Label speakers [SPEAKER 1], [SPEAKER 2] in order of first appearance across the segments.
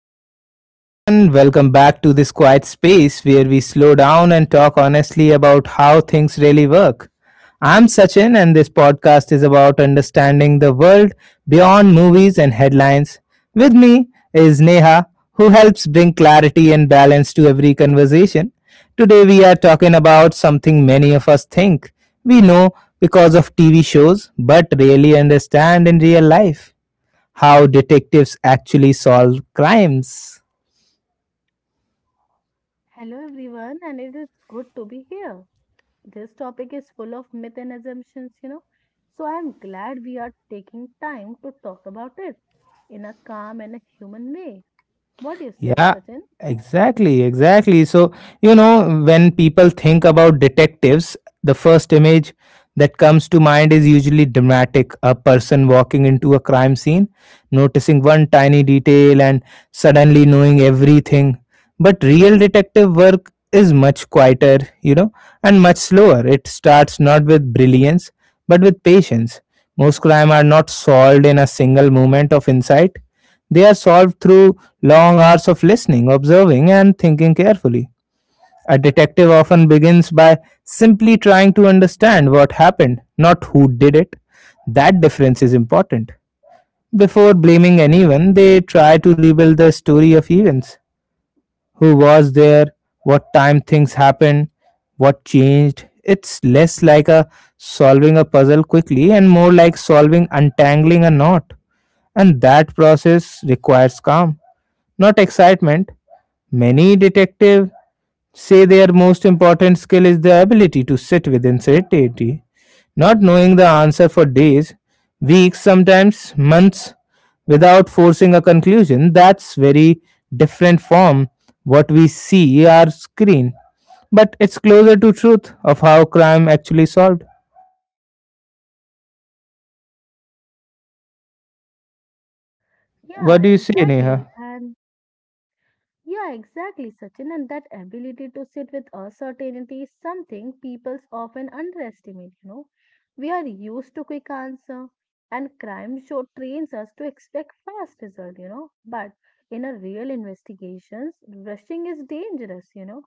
[SPEAKER 1] Hello, everyone. Welcome back to this quiet space where we slow down and talk honestly about how things really work. I'm Sachin, and this podcast is about understanding the world beyond movies and headlines. With me is Neha, who helps bring clarity and balance to every conversation. Today, we are talking about something many of us think we know because of TV shows but rarely understand in real life how detectives actually solve crimes.
[SPEAKER 2] Hello, everyone, and it is good to be here. This topic is full of myth and assumptions, so I am glad we are taking time to talk about it in a calm and a human way. What do you said,
[SPEAKER 1] Yeah,
[SPEAKER 2] Sachin?
[SPEAKER 1] exactly. When people think about detectives, the first image that comes to mind is usually dramatic a person walking into a crime scene, noticing one tiny detail, and suddenly knowing everything. But real detective work is much quieter, and much slower. It starts not with brilliance, but with patience. Most crime are not solved in a single moment of insight they are solved through long hours of listening, observing, and thinking carefully. A detective often begins by simply trying to understand what happened, not who did it. That difference is important. Before blaming anyone, they try to rebuild the story of events. Who was there? What time things happened? What changed? It's less like a solving a puzzle quickly and more like solving untangling a knot. And that process requires calm not excitement. Many detectives say their most important skill is the ability to sit with uncertainty, not knowing the answer for days, weeks, sometimes months, without forcing a conclusion. That's very different from what we see our screen, but it's closer to truth of how crime actually solved.
[SPEAKER 2] Yeah,
[SPEAKER 1] What do you say,
[SPEAKER 2] exactly.
[SPEAKER 1] Neha?
[SPEAKER 2] And Yeah, exactly, Sachin. And that ability to sit with uncertainty is something people often underestimate. We are used to quick answer, and crime show trains us to expect fast result. But in a real investigations, rushing is dangerous.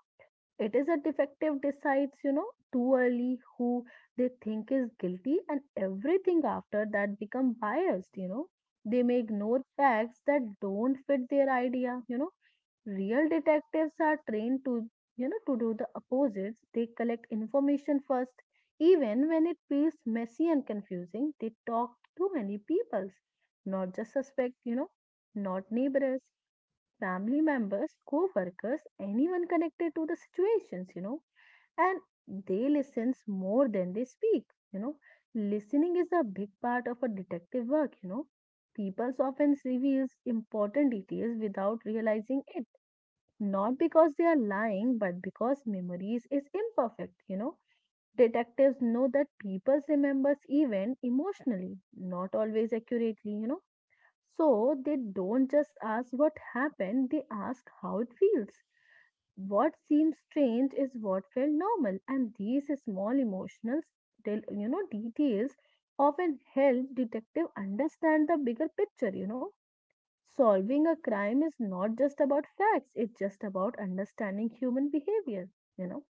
[SPEAKER 2] It is a defective decides, too early who they think is guilty and everything after that become biased. They may ignore facts that don't fit their idea. Real detectives are trained to do the opposites. They collect information first. Even when it feels messy and confusing, they talk to many peoples, not just suspect, not neighbors family members, co workers, anyone connected to the situations, and they listens more than they speak, you know. Listening is a big part of a detective work. People often reveals important details without realizing it, not because they are lying, but because memories is imperfect. Detectives know that people remembers even emotionally, not always accurately, so they don't just ask what happened, they ask how it feels. What seems strange is what felt normal, and these small emotional details often help detective understand the bigger picture. Solving a crime is not just about facts; it's just about understanding human behavior. You know,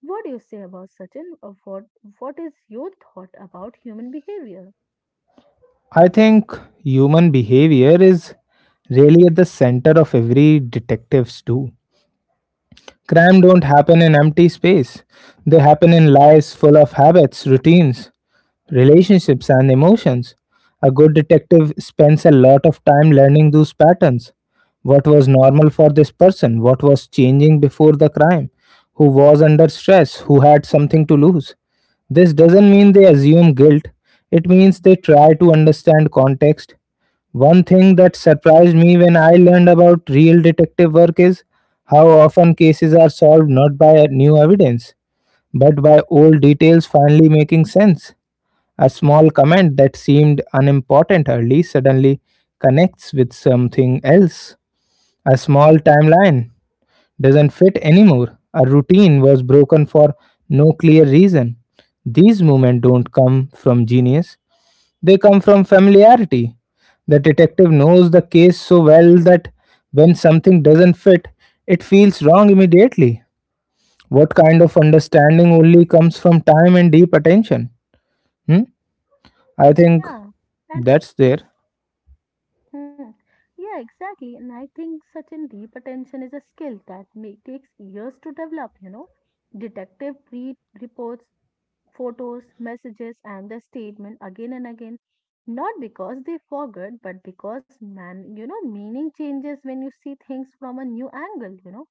[SPEAKER 2] what do you say about Sachin? What is your thought about human behavior?
[SPEAKER 1] I think human behavior is really at the center of every detective's do. Crime don't happen in empty space. They happen in lives full of habits, routines, relationships, and emotions. A good detective spends a lot of time learning those patterns. What was normal for this person? What was changing before the crime? Who was under stress? Who had something to lose? This doesn't mean they assume guilt, it means they try to understand context. One thing that surprised me when I learned about real detective work is how often cases are solved not by new evidence, but by old details finally making sense. A small comment that seemed unimportant early suddenly connects with something else. A small timeline doesn't fit anymore. A routine was broken for no clear reason. These moments don't come from genius, they come from familiarity. The detective knows the case so well that when something doesn't fit, it feels wrong immediately. What kind of understanding only comes from time and deep attention? Hmm? I think
[SPEAKER 2] Yeah. and
[SPEAKER 1] that's there.
[SPEAKER 2] Hmm. Yeah, exactly. And I think such an deep attention is a skill that takes years to develop. Detective read reports, photos, messages, and the statement again and again, not because they forgot, but because meaning changes when you see things from a new angle.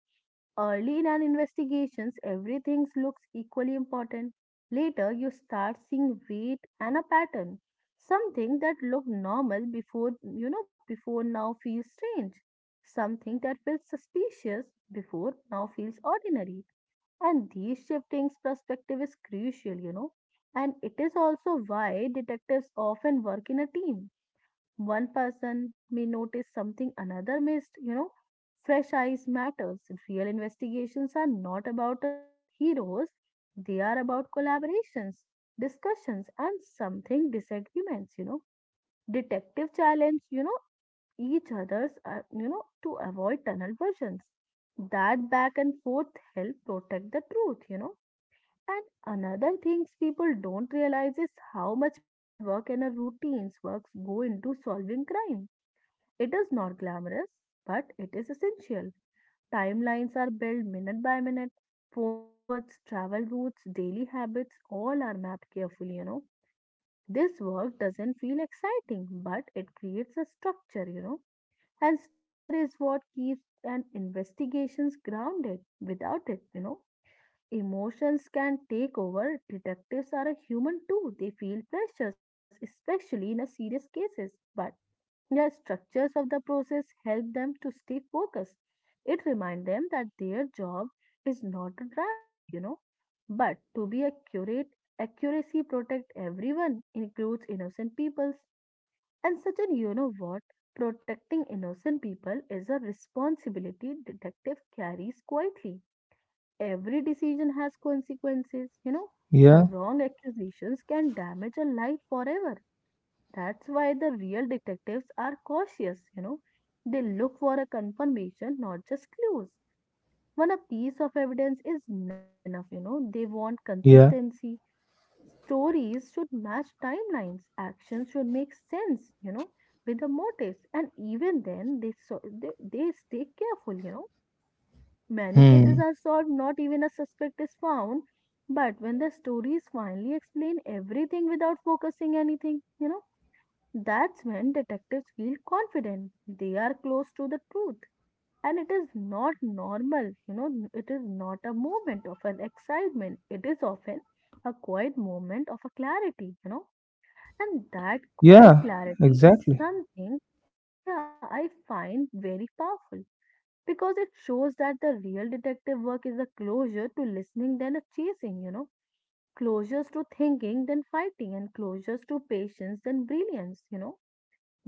[SPEAKER 2] Early in an investigations, everything looks equally important. Later, you start seeing weight and a pattern. Something that looked normal before now feels strange. Something that felt suspicious before now feels ordinary. And these shiftings perspective is crucial. And it is also why detectives often work in a team. One person may notice something another missed. Fresh eyes matters. Real investigations are not about alone heroes, they are about collaborations, discussions, and something disagreements. Detective challenge, each other's, to avoid tunnel versions. That back and forth help protect the truth. And another things people don't realize is how much paperwork and a routines works go into solving crime. It is not glamorous, but it is essential. Timelines are built minute by minute. Phone records, travel routes, daily habits, all are mapped carefully. This work doesn't feel exciting, but it creates a structure. And structure is what keeps an investigations grounded. Without it, emotions can take over. Detectives are a human too. They feel pressures, especially in a serious cases. But the structures of the process help them to stay focused. It reminds them that their job is not dramatic, but to be accurate. Accuracy protect everyone, includes innocent peoples. And such an you know what? Protecting innocent people is a responsibility detective carries quietly. Every decision has consequences. A
[SPEAKER 1] Yeah,
[SPEAKER 2] wrong accusations can damage a life forever. That's why the real detectives are cautious. They look for a confirmation, not just clues. One a piece of evidence is never enough, they want
[SPEAKER 1] yeah.
[SPEAKER 2] consistency. Stories should match timelines, actions should make sense, with the motives. And even then, they stay careful. Many cases
[SPEAKER 1] Hmm.
[SPEAKER 2] are solved, not even a suspect is found. But when the stories finally explain everything without focusing anything, that's when detectives feel confident. They are close to the truth. And it is not normal, it is not a moment of an excitement. It is often a quiet moment of a clarity. And that
[SPEAKER 1] Yeah,
[SPEAKER 2] quiet clarity is
[SPEAKER 1] exactly.
[SPEAKER 2] something, yeah, I find very powerful because it shows that the real detective work is a closure to listening than a chasing, closures to thinking than fighting, and closures to patience than brilliance.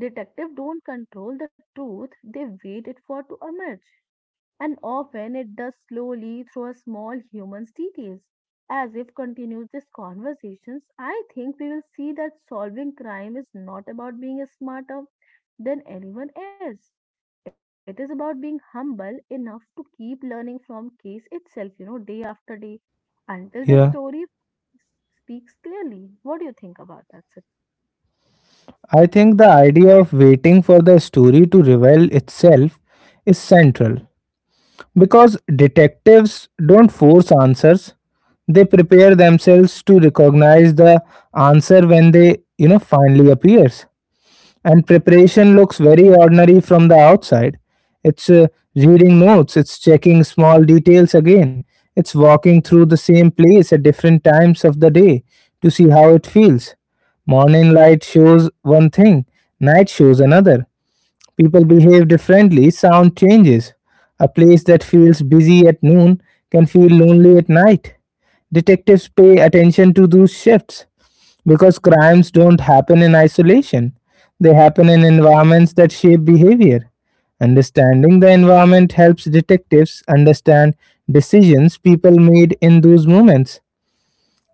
[SPEAKER 2] Detectives don't control the truth, they wait it for to emerge. And often it does slowly through a small human's details. As if continues these conversations, I think we will see that solving crime is not about being smarter than anyone else. It is about being humble enough to keep learning from case itself, day after day until the
[SPEAKER 1] Yeah.
[SPEAKER 2] story speaks clearly. What do you think about that, Sachin?
[SPEAKER 1] I think the idea of waiting for the story to reveal itself is central because detectives don't force answers. They prepare themselves to recognize the answer when they, finally appears. And preparation looks very ordinary from the outside. It's reading notes, it's checking small details again, it's walking through the same place at different times of the day to see how it feels. Morning light shows one thing, night shows another. People behave differently, sound changes. A place that feels busy at noon can feel lonely at night. Detectives pay attention to those shifts because crimes don't happen in isolation. They happen in environments that shape behavior. Understanding the environment helps detectives understand decisions people made in those moments.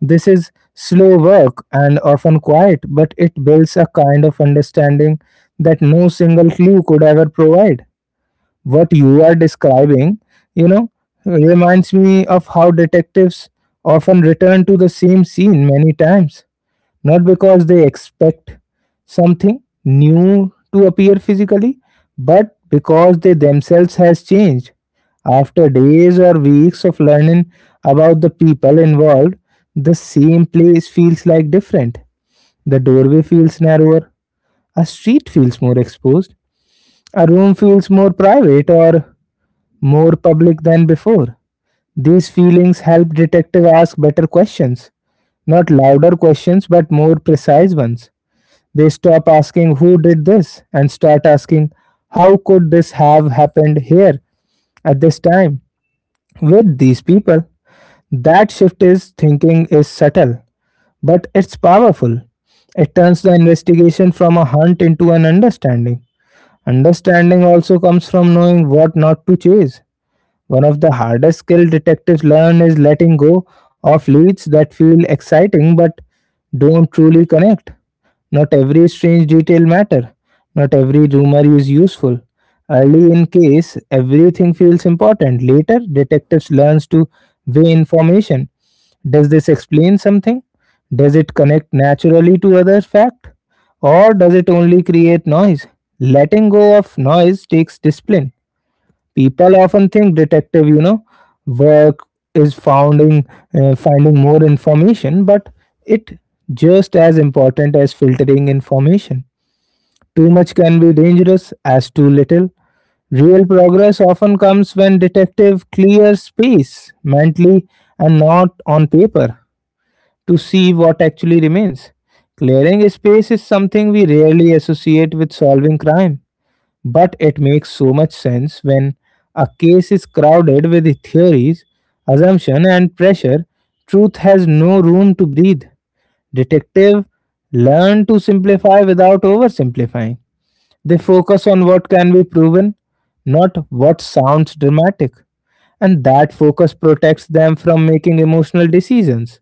[SPEAKER 1] This is slow work and often quiet, but it builds a kind of understanding that no single clue could ever provide. What you are describing, you know, reminds me of how detectives often return to the same scene many times not because they expect something new to appear physically, but because they themselves has changed. After days or weeks of learning about the people involved, the same place feels like different. The doorway feels narrower, a street feels more exposed, a room feels more private or more public than before. These feelings help detective ask better questions, not louder questions but more precise ones. They stop asking who did this and start asking how could this have happened here at this time with these people. That shift is thinking is subtle, but it's powerful. It turns the investigation from a hunt into an understanding. Understanding also comes from knowing what not to chase. One of the hardest skills detectives learn is letting go of leads that feel exciting but don't truly connect. Not every strange detail matter. Not every rumor is useful. Early in case, everything feels important. Later, detectives learns to weigh information. Does this explain something? Does it connect naturally to other fact? Or does it only create noise? Letting go of noise takes discipline. People often think detective, work is founding finding more information, but it just as important as filtering information. Too much can be dangerous as too little. Real progress often comes when detective clears space mentally and not on paper to see what actually remains. Clearing space is something we rarely associate with solving crime. But it makes so much sense when a case is crowded with theories, assumption, and pressure. Truth has no room to breathe. Detective learn to simplify without oversimplifying. They focus on what can be proven, not what sounds dramatic. And that focus protects them from making emotional decisions.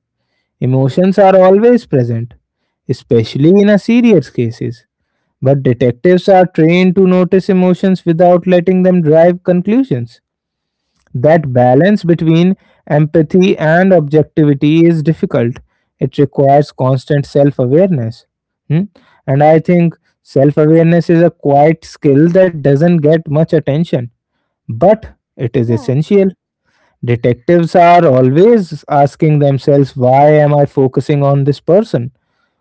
[SPEAKER 1] Emotions are always present, especially in a serious cases. But detectives are trained to notice emotions without letting them drive conclusions. That balance between empathy and objectivity is difficult. It requires constant self awareness. And I think self awareness is a quiet skill that doesn't get much attention, but it is
[SPEAKER 2] Yeah.
[SPEAKER 1] essential. Detectives are always asking themselves, why am I focusing on this person?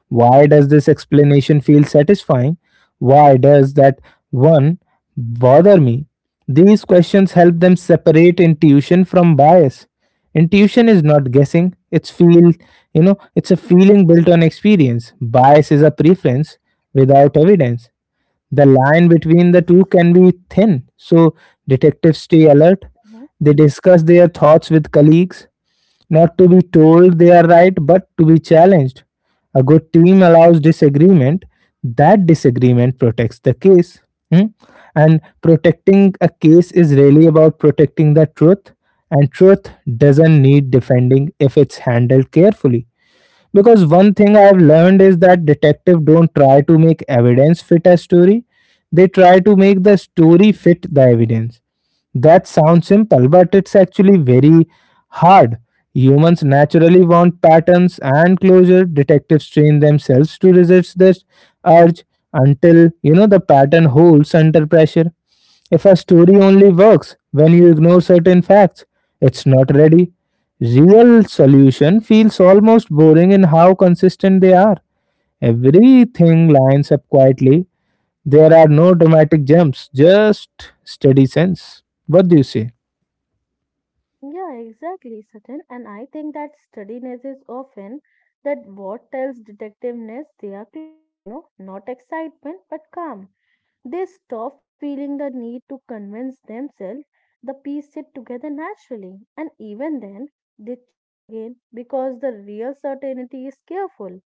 [SPEAKER 1] Why does this explanation feel satisfying? Why does that one bother me? These questions help them separate intuition from bias. Intuition is not guessing, it's feel, it's a feeling built on experience. Bias is a preference without evidence. The line between the two can be thin, so detectives stay alert.
[SPEAKER 2] Mhm.
[SPEAKER 1] They discuss their thoughts with colleagues not to be told they are right, but to be challenged. A good team allows disagreement. That disagreement protects the case. Hmm? And protecting a case is really about protecting the truth, and truth doesn't need defending if it's handled carefully because one thing I've learned is that detectives don't try to make evidence fit a story. They try to make the story fit the evidence. That sounds simple but it's actually very hard. Humans naturally want patterns and closure. Detectives train themselves to resist this urge until the pattern holds under pressure. If a story only works when you ignore certain facts, it's not ready. Real solution feels almost boring in how consistent they are. Everything lines up quietly. There are no dramatic jumps, just steady sense. What do you say?
[SPEAKER 2] Yeah, exactly, Sachin. And I think that steadiness is often that what tells detectiveness they are close, not excitement but calm. They stop feeling the need to convince themselves the piece sit together naturally. And even then, they check again because the real certainty is careful.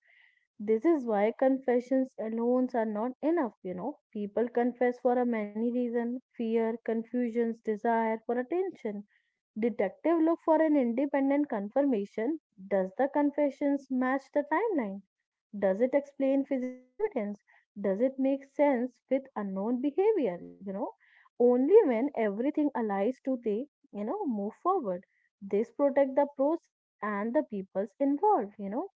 [SPEAKER 2] This is why confessions alone are not enough. People confess for a many reasons: fear, confusions, desire for attention. Detective look for an independent confirmation. Does the confessions match the timeline? Does it explain physical evidence? Does it make sense with unknown behavior? Only when everything aligns do they, move forward. This protect the process and the peoples involved, you know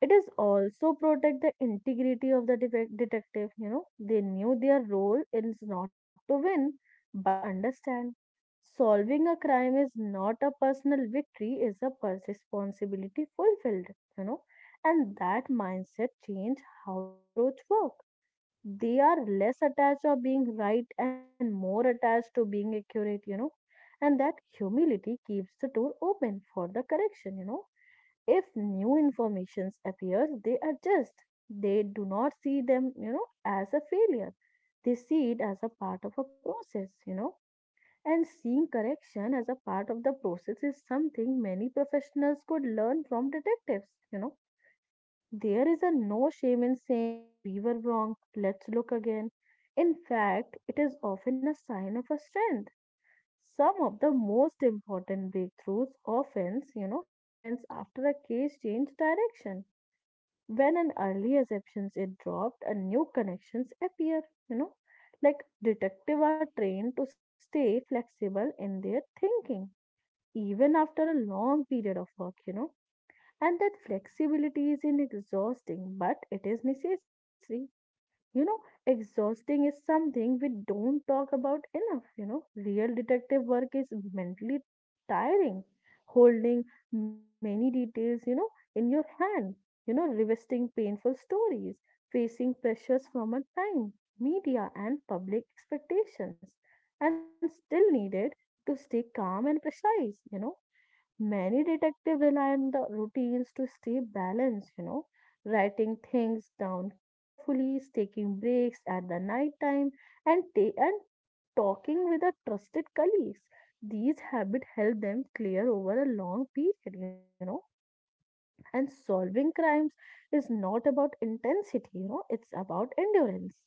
[SPEAKER 2] it is also protect the integrity of the detective. They knew their role is not to win, but to understand. Solving a crime is not a personal victory; is a responsibility fulfilled. You know, and that mindset change how they approach work. They are less attached of being right and more attached to being accurate. And that humility keeps the door open for the correction. If new informations appear, they adjust. They do not see them as a failure, they see it as a part of a process . And seeing correction as a part of the process is something many professionals could learn from detectives . There is a no shame in saying that we were wrong, let's look again. In fact, it is often a sign of a strength. Some of the most important breakthroughs often happens after a case change direction. When an early assumptions is dropped, a new connections appear you know like detectives are trained to stay flexible in their thinking even after a long period of work . And that flexibility is in exhausting, but it is necessary you know, exhausting is something we don't talk about enough. Real detective work is mentally tiring, holding many details, in your hand, revisiting painful stories, facing pressures from a time, media, and public expectations, and still needed to stay calm and precise. Many detectives rely on the routines to stay balanced, writing things down carefully, taking breaks at the night time, and talking with their trusted colleagues. These habits help them clear over a long period. And solving crimes is not about intensity, it's about endurance.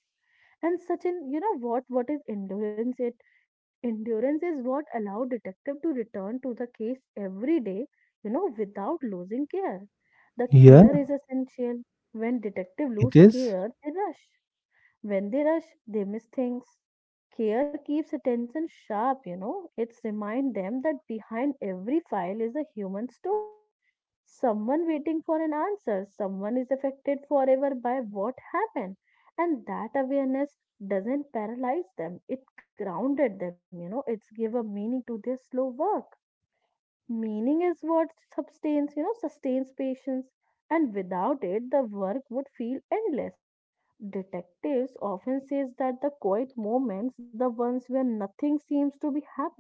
[SPEAKER 2] And such an, you know, what is endurance? It endurance is what allow detective to return to the case every day, without losing care. The
[SPEAKER 1] Yeah,
[SPEAKER 2] care is essential. When detective
[SPEAKER 1] it
[SPEAKER 2] lose
[SPEAKER 1] is.
[SPEAKER 2] care, they rush. When they rush, they miss things. Care keeps attention sharp. It's remind them that behind every file is a human story. Someone waiting for an answer, someone is affected forever by what happened. And that awareness doesn't paralyze them, it grounded them, it's give a meaning to their slow work. Meaning is what sustains patience, and without it, the work would feel endless. Detectives often says that the quiet moments, the ones where nothing seems to be happen,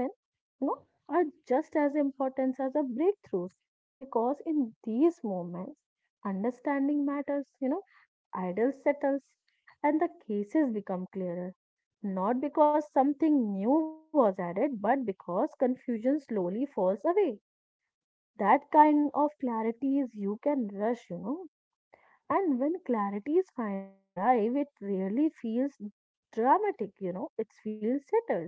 [SPEAKER 2] you know, are just as important as the breakthroughs because in these moments, understanding matters, idol settles and the cases become clearer. Not because something new was added, but because confusion slowly falls away. That kind of clarity is you can rush. And when clarity is finally arrive, it rarely feels dramatic, it feels settled.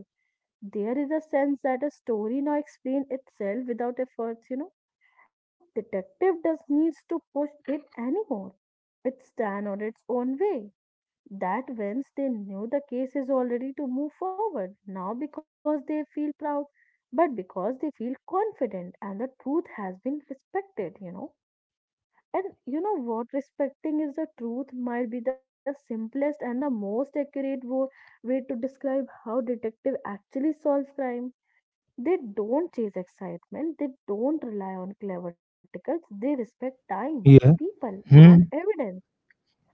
[SPEAKER 2] There is a sense that a story now explains itself without efforts, and detective does needs to push it anymore. It stand on its own way. That whence they knew the case is already to move forward, now because they feel proud, but because they feel confident and the truth has been respected. And you know what? Respecting is the truth might be the simplest and the most accurate way to describe how detective actually solves crime. They don't chase excitement, they don't rely on clever tickets, they respect time,
[SPEAKER 1] Yeah.
[SPEAKER 2] people, and
[SPEAKER 1] Hmm.
[SPEAKER 2] evidence.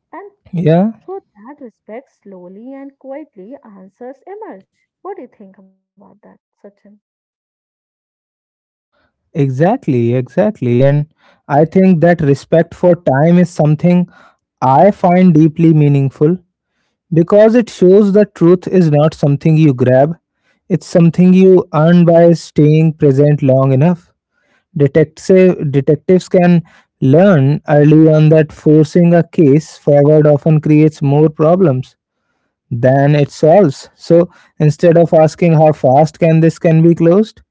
[SPEAKER 2] And
[SPEAKER 1] Yeah,
[SPEAKER 2] through that respect, slowly and quietly, answers emerge. What do you think about that, Sachin?
[SPEAKER 1] exactly. And I think that respect for time is something I find deeply meaningful because it shows that truth is not something you grab, it's something you earn by staying present long enough. Detectives can learn early on that forcing a case forward often creates more problems than it solves. So instead of asking how fast can this can be closed,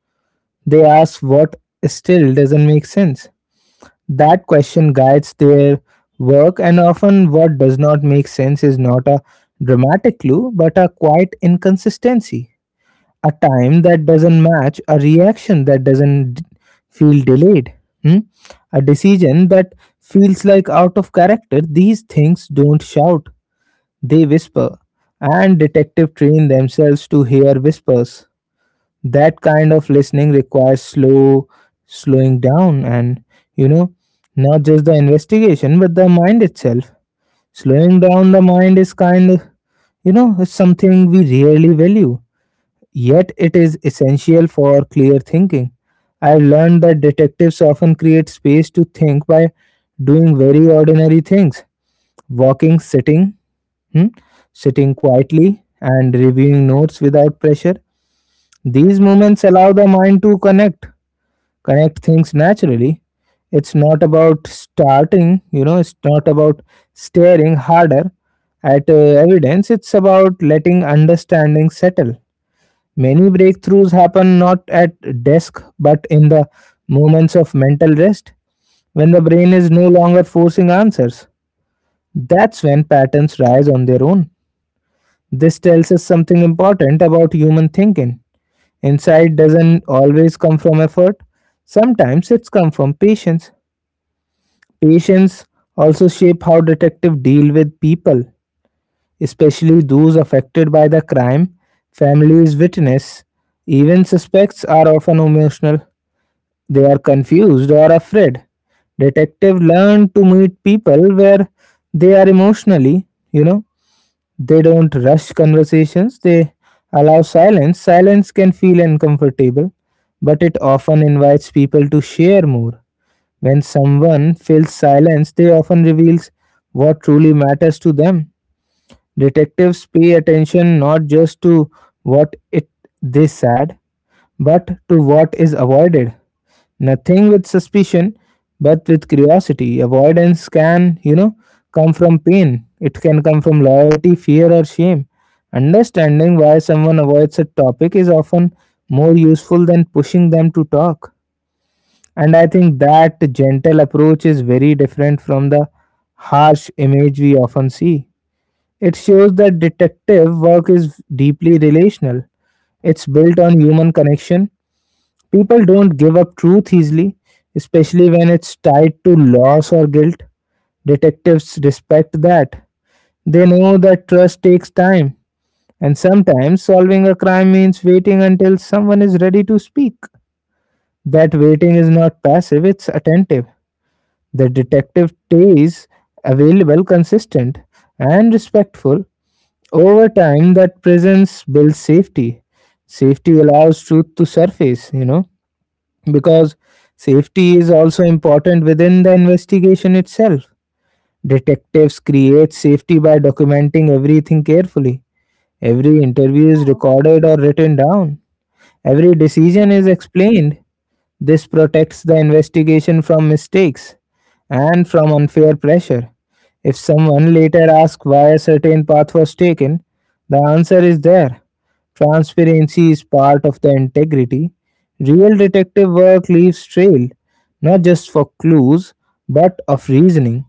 [SPEAKER 1] they ask what still doesn't make sense. That question guides their work and often what does not make sense is not a dramatic clue but a quiet inconsistency a time that doesn't match, a reaction that doesn't d- feel delayed, hmm? a decision that feels like out of character. These things don't shout, they whisper. And detective train themselves to hear whispers. That kind of listening requires slowing down and you know not just the investigation but the mind itself. Slowing down the mind is kind of is something we really value yet it is essential for clear thinking. I've learned that detectives often create space to think by doing very ordinary things walking, sitting, hmm, sitting quietly, and reviewing notes without pressure. These moments allow the mind to connect things naturally. It's not about staring harder at evidence, it's about letting understanding settle. Many breakthroughs happen not at desk but in the moments of mental rest when the brain is no longer forcing answers. That's when patterns rise on their own. This tells us something important about human thinking. Insight doesn't always come from effort. Sometimes it's come from patience. Patience also shape how detectives deal with people, especially those affected by the crime, families, witness, even suspects are often emotional. They are confused or afraid. Detective learn to meet people where they are emotionally, you know, they don't rush conversations, they allow silence. Silence can feel uncomfortable, but it often invites people to share more. When someone feels silence, they often reveals what truly matters to them. Detectives pay attention not just to what it they said, but to what is avoided. Nothing with suspicion, but with curiosity. Avoidance can, come from pain. It can come from loyalty, fear, or shame. Understanding why someone avoids a topic is often more useful than pushing them to talk. And I think that gentle approach is very different from the harsh image we often see. It shows that detective work is deeply relational. It's built on human connection. People don't give up truth easily, especially when it's tied to loss or guilt. Detectives respect that. They know that trust takes time, and sometimes solving a crime means waiting until someone is ready to speak. That waiting is not passive, it's attentive. The detective stays available, consistent, and respectful. Over time, that presence builds safety. Safety allows truth to surface because safety is also important within the investigation itself. Detectives create safety by documenting everything carefully. Every interview is
[SPEAKER 2] Yeah.
[SPEAKER 1] recorded or written down. Every decision
[SPEAKER 2] Mm-hmm.
[SPEAKER 1] is explained. This protects the investigation from mistakes and from unfair pressure. If someone later asks why a certain path was taken, the answer is there. Transparency is part of the integrity. Real detective work leaves trail, not just for clues, but of reasoning.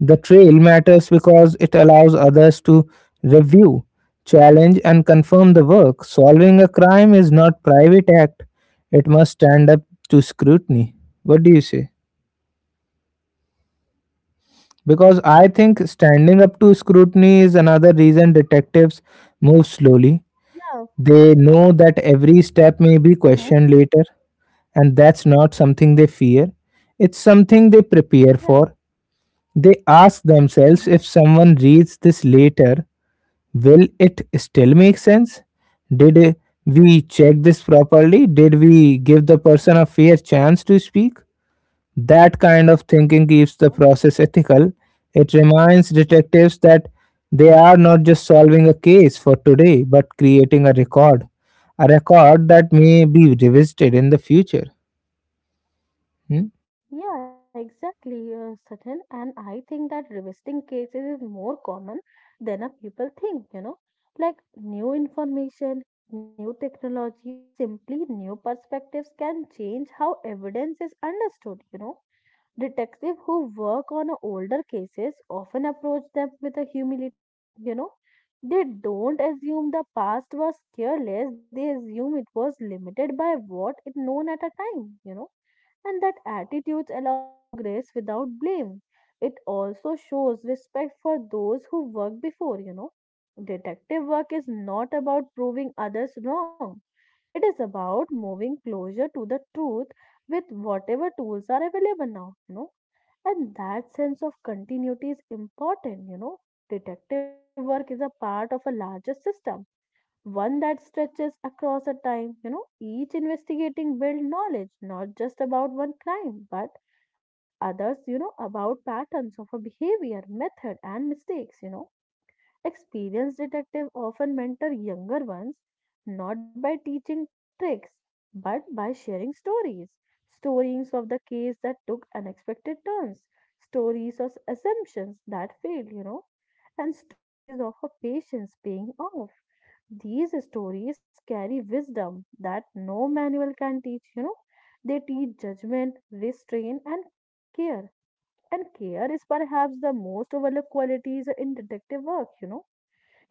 [SPEAKER 1] The trail matters because it allows others to review, challenge, and confirm the work. Solving a crime is not private act. It must stand up to scrutiny. What do you say? Because I think standing up to scrutiny is another reason detectives move slowly.
[SPEAKER 2] Yeah.
[SPEAKER 1] They know that every step may be
[SPEAKER 2] Mm-hmm.
[SPEAKER 1] questioned later, and that's not something they fear. It's something they
[SPEAKER 2] Yeah.
[SPEAKER 1] prepare for. They ask
[SPEAKER 2] Mm-hmm.
[SPEAKER 1] themselves, if someone reads this later, will it still make sense? Did we check this properly? Did we give the person a fair chance to speak? That kind of thinking keeps the process ethical. It reminds detectives that they are not just solving a case for today but creating a record, a record that may be revisited in the future. Hmm?
[SPEAKER 2] Yeah, exactly, Sachin. And I think that revisiting cases is more common than a people think, like new information, new technology, or simply new perspectives can change how evidence is understood. Detectives who work on older cases often approach them with a humility, you know. They don't assume the past was careless, they assume it was limited by what it known at a time, and that attitudes allow progress without blame. It also shows respect for those who worked before. Detective work is not about proving others wrong. It is about moving closer to the truth with whatever tools are available now. And that sense of continuity is important. Detective work is a part of a larger system, one that stretches across a time, each investigating build knowledge, not just about one crime, but others, about patterns of a behavior, method, and mistakes. Experienced detectives often mentor younger ones, not by teaching tricks, but by sharing stories. Stories of the case that took unexpected turns, stories of assumptions that failed, and stories of a patience paying off. These stories carry wisdom that no manual can teach. They teach judgment, restraint, and care. And care is perhaps the most overlooked qualities in detective work.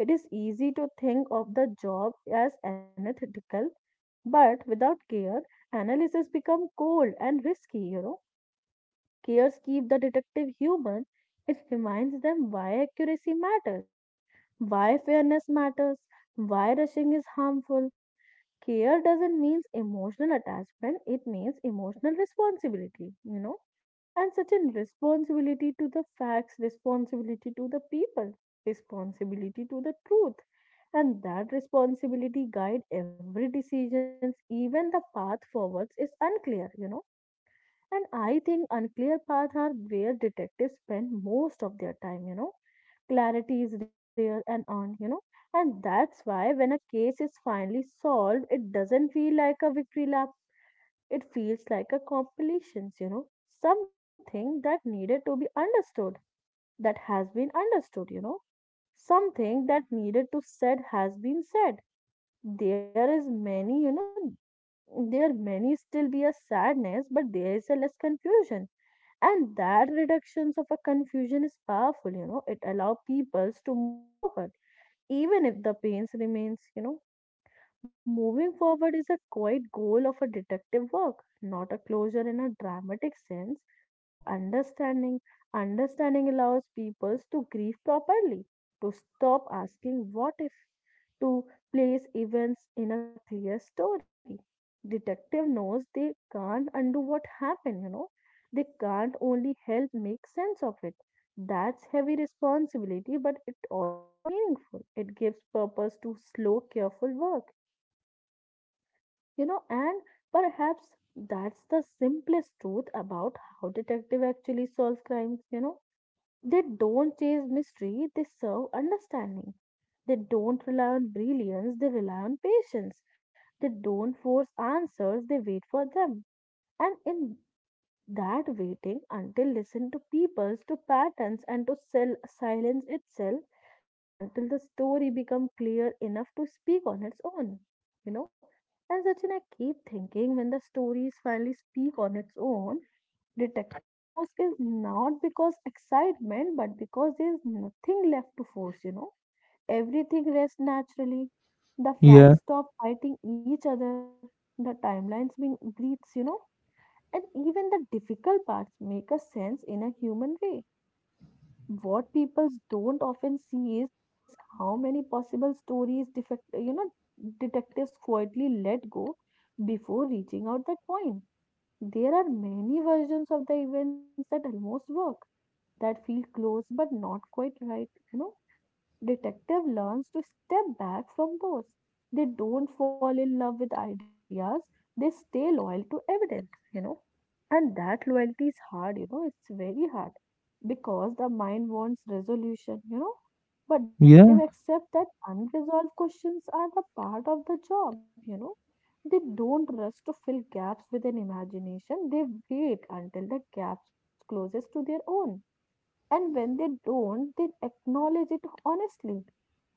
[SPEAKER 2] It is easy to think of the job as analytical, but without care, analysis become cold and risky. Cares keep the detective human. It reminds them why accuracy matters, why fairness matters, why rushing is harmful. Care doesn't mean emotional attachment, it means emotional responsibility, and such a responsibility to the facts, responsibility to the people, responsibility to the truth. And that responsibility guide every decisions, even the path forwards is unclear, and I think unclear paths are where detectives spend most of their time. Clarity is rare and on. And that's why when a case is finally solved, it doesn't feel like a victory lap. It feels like a compilation. Something that needed to be understood, that has been understood. Something that needed to said has been said. There is many, there many still be a sadness, but there is a less confusion. And that reductions of a confusion is powerful. It allow peoples to move forward, even if the pains remains. Moving forward is a quiet goal of a detective work, not a closure in a dramatic sense, but understanding. Understanding allows people to grieve properly, to stop asking what if, to place events in a clear story. Detective knows they can't undo what happened. They can't only help make sense of it. That's heavy responsibility, but it also meaningful. It gives purpose to slow, careful work, and perhaps that's the simplest truth about how detective actually solve crimes. They don't chase mystery, they serve understanding. They don't rely on brilliance, they rely on patience. They don't force answers, they wait for them. And in that waiting until listen to peoples, to patterns, and to sell silence itself, until the story become clear enough to speak on its own, you know. And Sachin, I keep thinking when the stories finally speak on its own, detective knows is not because excitement, but because there's nothing left to force. Everything rests naturally. The
[SPEAKER 1] Yeah.
[SPEAKER 2] facts stop fighting each other. The timelines being breathes, and even the difficult parts make a sense in a human way. What people don't often see is how many possible stories defect, detectives quietly let go before reaching out that point. There are many versions of the events that almost work, that feel close but not quite right. Detective learns to step back from those. They don't fall in love with ideas. They stay loyal to evidence. And that loyalty is hard, it's very hard because the mind wants resolution. But detective
[SPEAKER 1] yeah
[SPEAKER 2] accept that unresolved questions are the part of the job. They don't rush to fill gaps with an imagination. They wait until the gaps closest to their own. And when they don't, they acknowledge it honestly.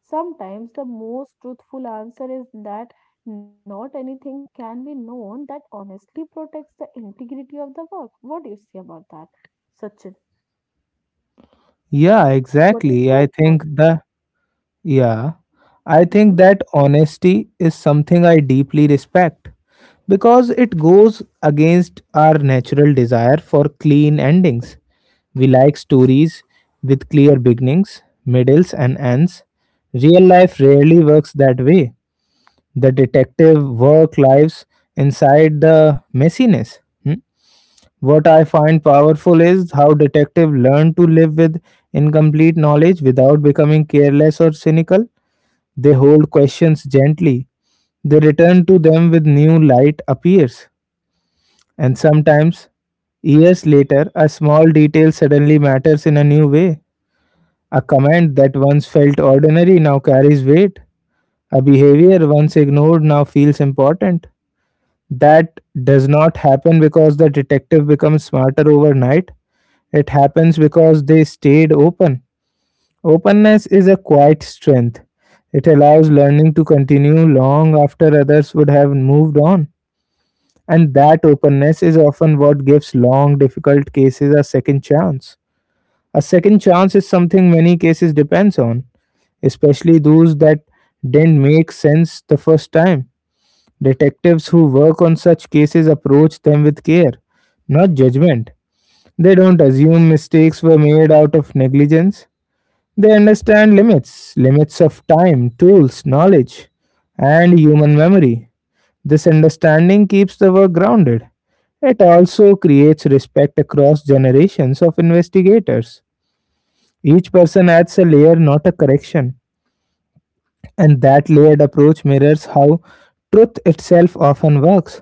[SPEAKER 2] Sometimes the most truthful answer is that not anything can be known, that honestly protects the integrity of the work. What do you say about that, Sachin?
[SPEAKER 1] yeah
[SPEAKER 2] What
[SPEAKER 1] exactly,
[SPEAKER 2] is
[SPEAKER 1] I
[SPEAKER 2] your
[SPEAKER 1] think
[SPEAKER 2] thought?
[SPEAKER 1] the— Yeah, I think
[SPEAKER 2] Mm-hmm.
[SPEAKER 1] that honesty is something I deeply respect because it goes against our natural desire for clean endings. We like stories with clear beginnings, middles, and ends. Real life rarely works that way. The detective work lives inside the messiness. Hmm? What I find powerful is how detective learn to live with incomplete knowledge without becoming careless or cynical. They hold questions gently. They return to them with new light appears. And sometimes, years later, a small detail suddenly matters in a new way. A comment that once felt ordinary now carries weight. A behavior once ignored now feels important. That does not happen because the detective becomes smarter overnight. It happens because they stayed open. Openness is a quiet strength. It allows learning to continue long after others would have moved on. And that openness is often what gives long, difficult cases a second chance. A second chance is something many cases depends on, especially those that didn't make sense the first time. Detectives who work on such cases approach them with care, not judgment. They don't assume mistakes were made out of negligence. They understand limits, limits of time, tools, knowledge, and human memory. This understanding keeps the work grounded. It also creates respect across generations of investigators. Each person adds a layer, not a correction, and that layered approach mirrors how truth itself often works.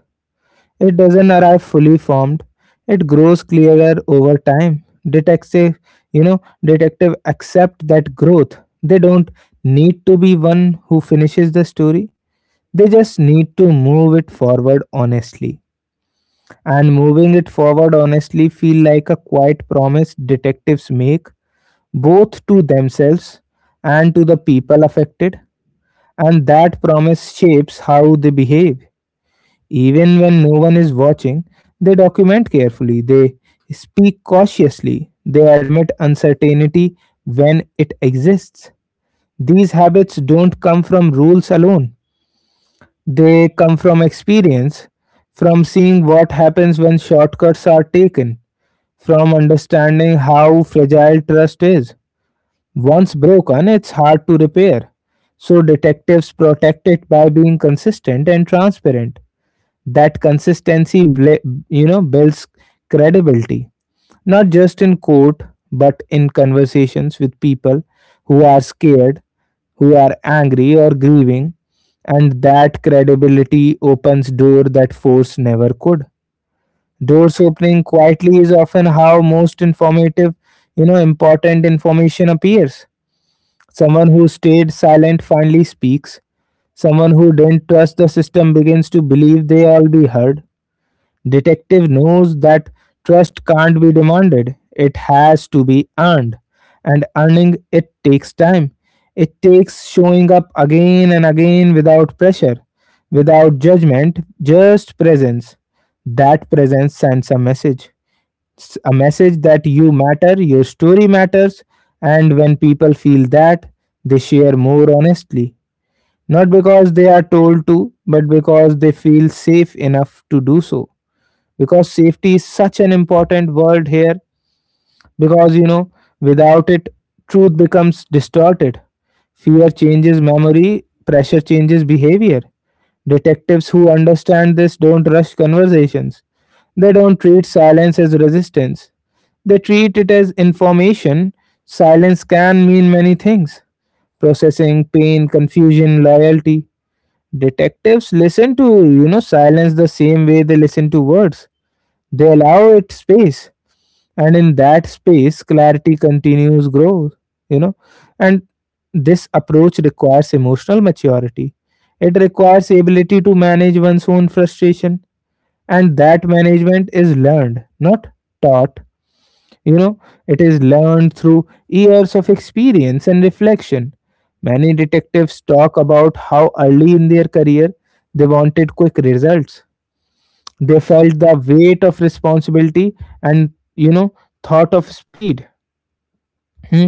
[SPEAKER 1] It doesn't arrive fully formed. It grows clearer over time. Detective accept that growth. They don't need to be one who finishes the story. They just need to move it forward honestly. And moving it forward honestly feel like a quiet promise detectives make both to themselves and to the people affected, and that promise shapes how they behave. Even when no one is watching, they document carefully, they speak cautiously, they admit uncertainty when it exists. These habits don't come from rules alone, they come from experience, from seeing what happens when shortcuts are taken, from understanding how fragile trust is. Once broken, it's hard to repair. So, detectives protect it by being consistent and transparent. That consistency builds credibility, not just in court, but in conversations with people who are scared, who are angry or grieving. And that credibility opens door that force never could. Doors opening quietly is often how most informative you know important information appears. Someone who stayed silent finally speaks. Someone who didn't trust the system begins to believe they all be heard. Detective knows that trust can't be demanded. It has to be earned. And earning it takes time. It takes showing up again and again without pressure, without judgment, just presence. That presence sends a message. A message that you matter, your story matters, and when people feel that, they share more honestly. Not because they are told to, but because they feel safe enough to do so. Because safety is such an important word here because you know Without it, truth becomes distorted, fear changes memory, pressure changes behavior. Detectives who understand this don't rush conversations. They don't treat silence as resistance, they treat it as information. Silence can mean many things: processing, pain, confusion, loyalty. Detectives listen to silence the same way they listen to words. They allow it space, and in that space clarity continues growth you know and this approach requires emotional maturity. It requires ability to manage one's own frustration, and that management is learned, not taught you know it is learned through years of experience and reflection. Many detectives talk about how early in their career they wanted quick results. They felt the weight of responsibility, and thought of speed, hmm,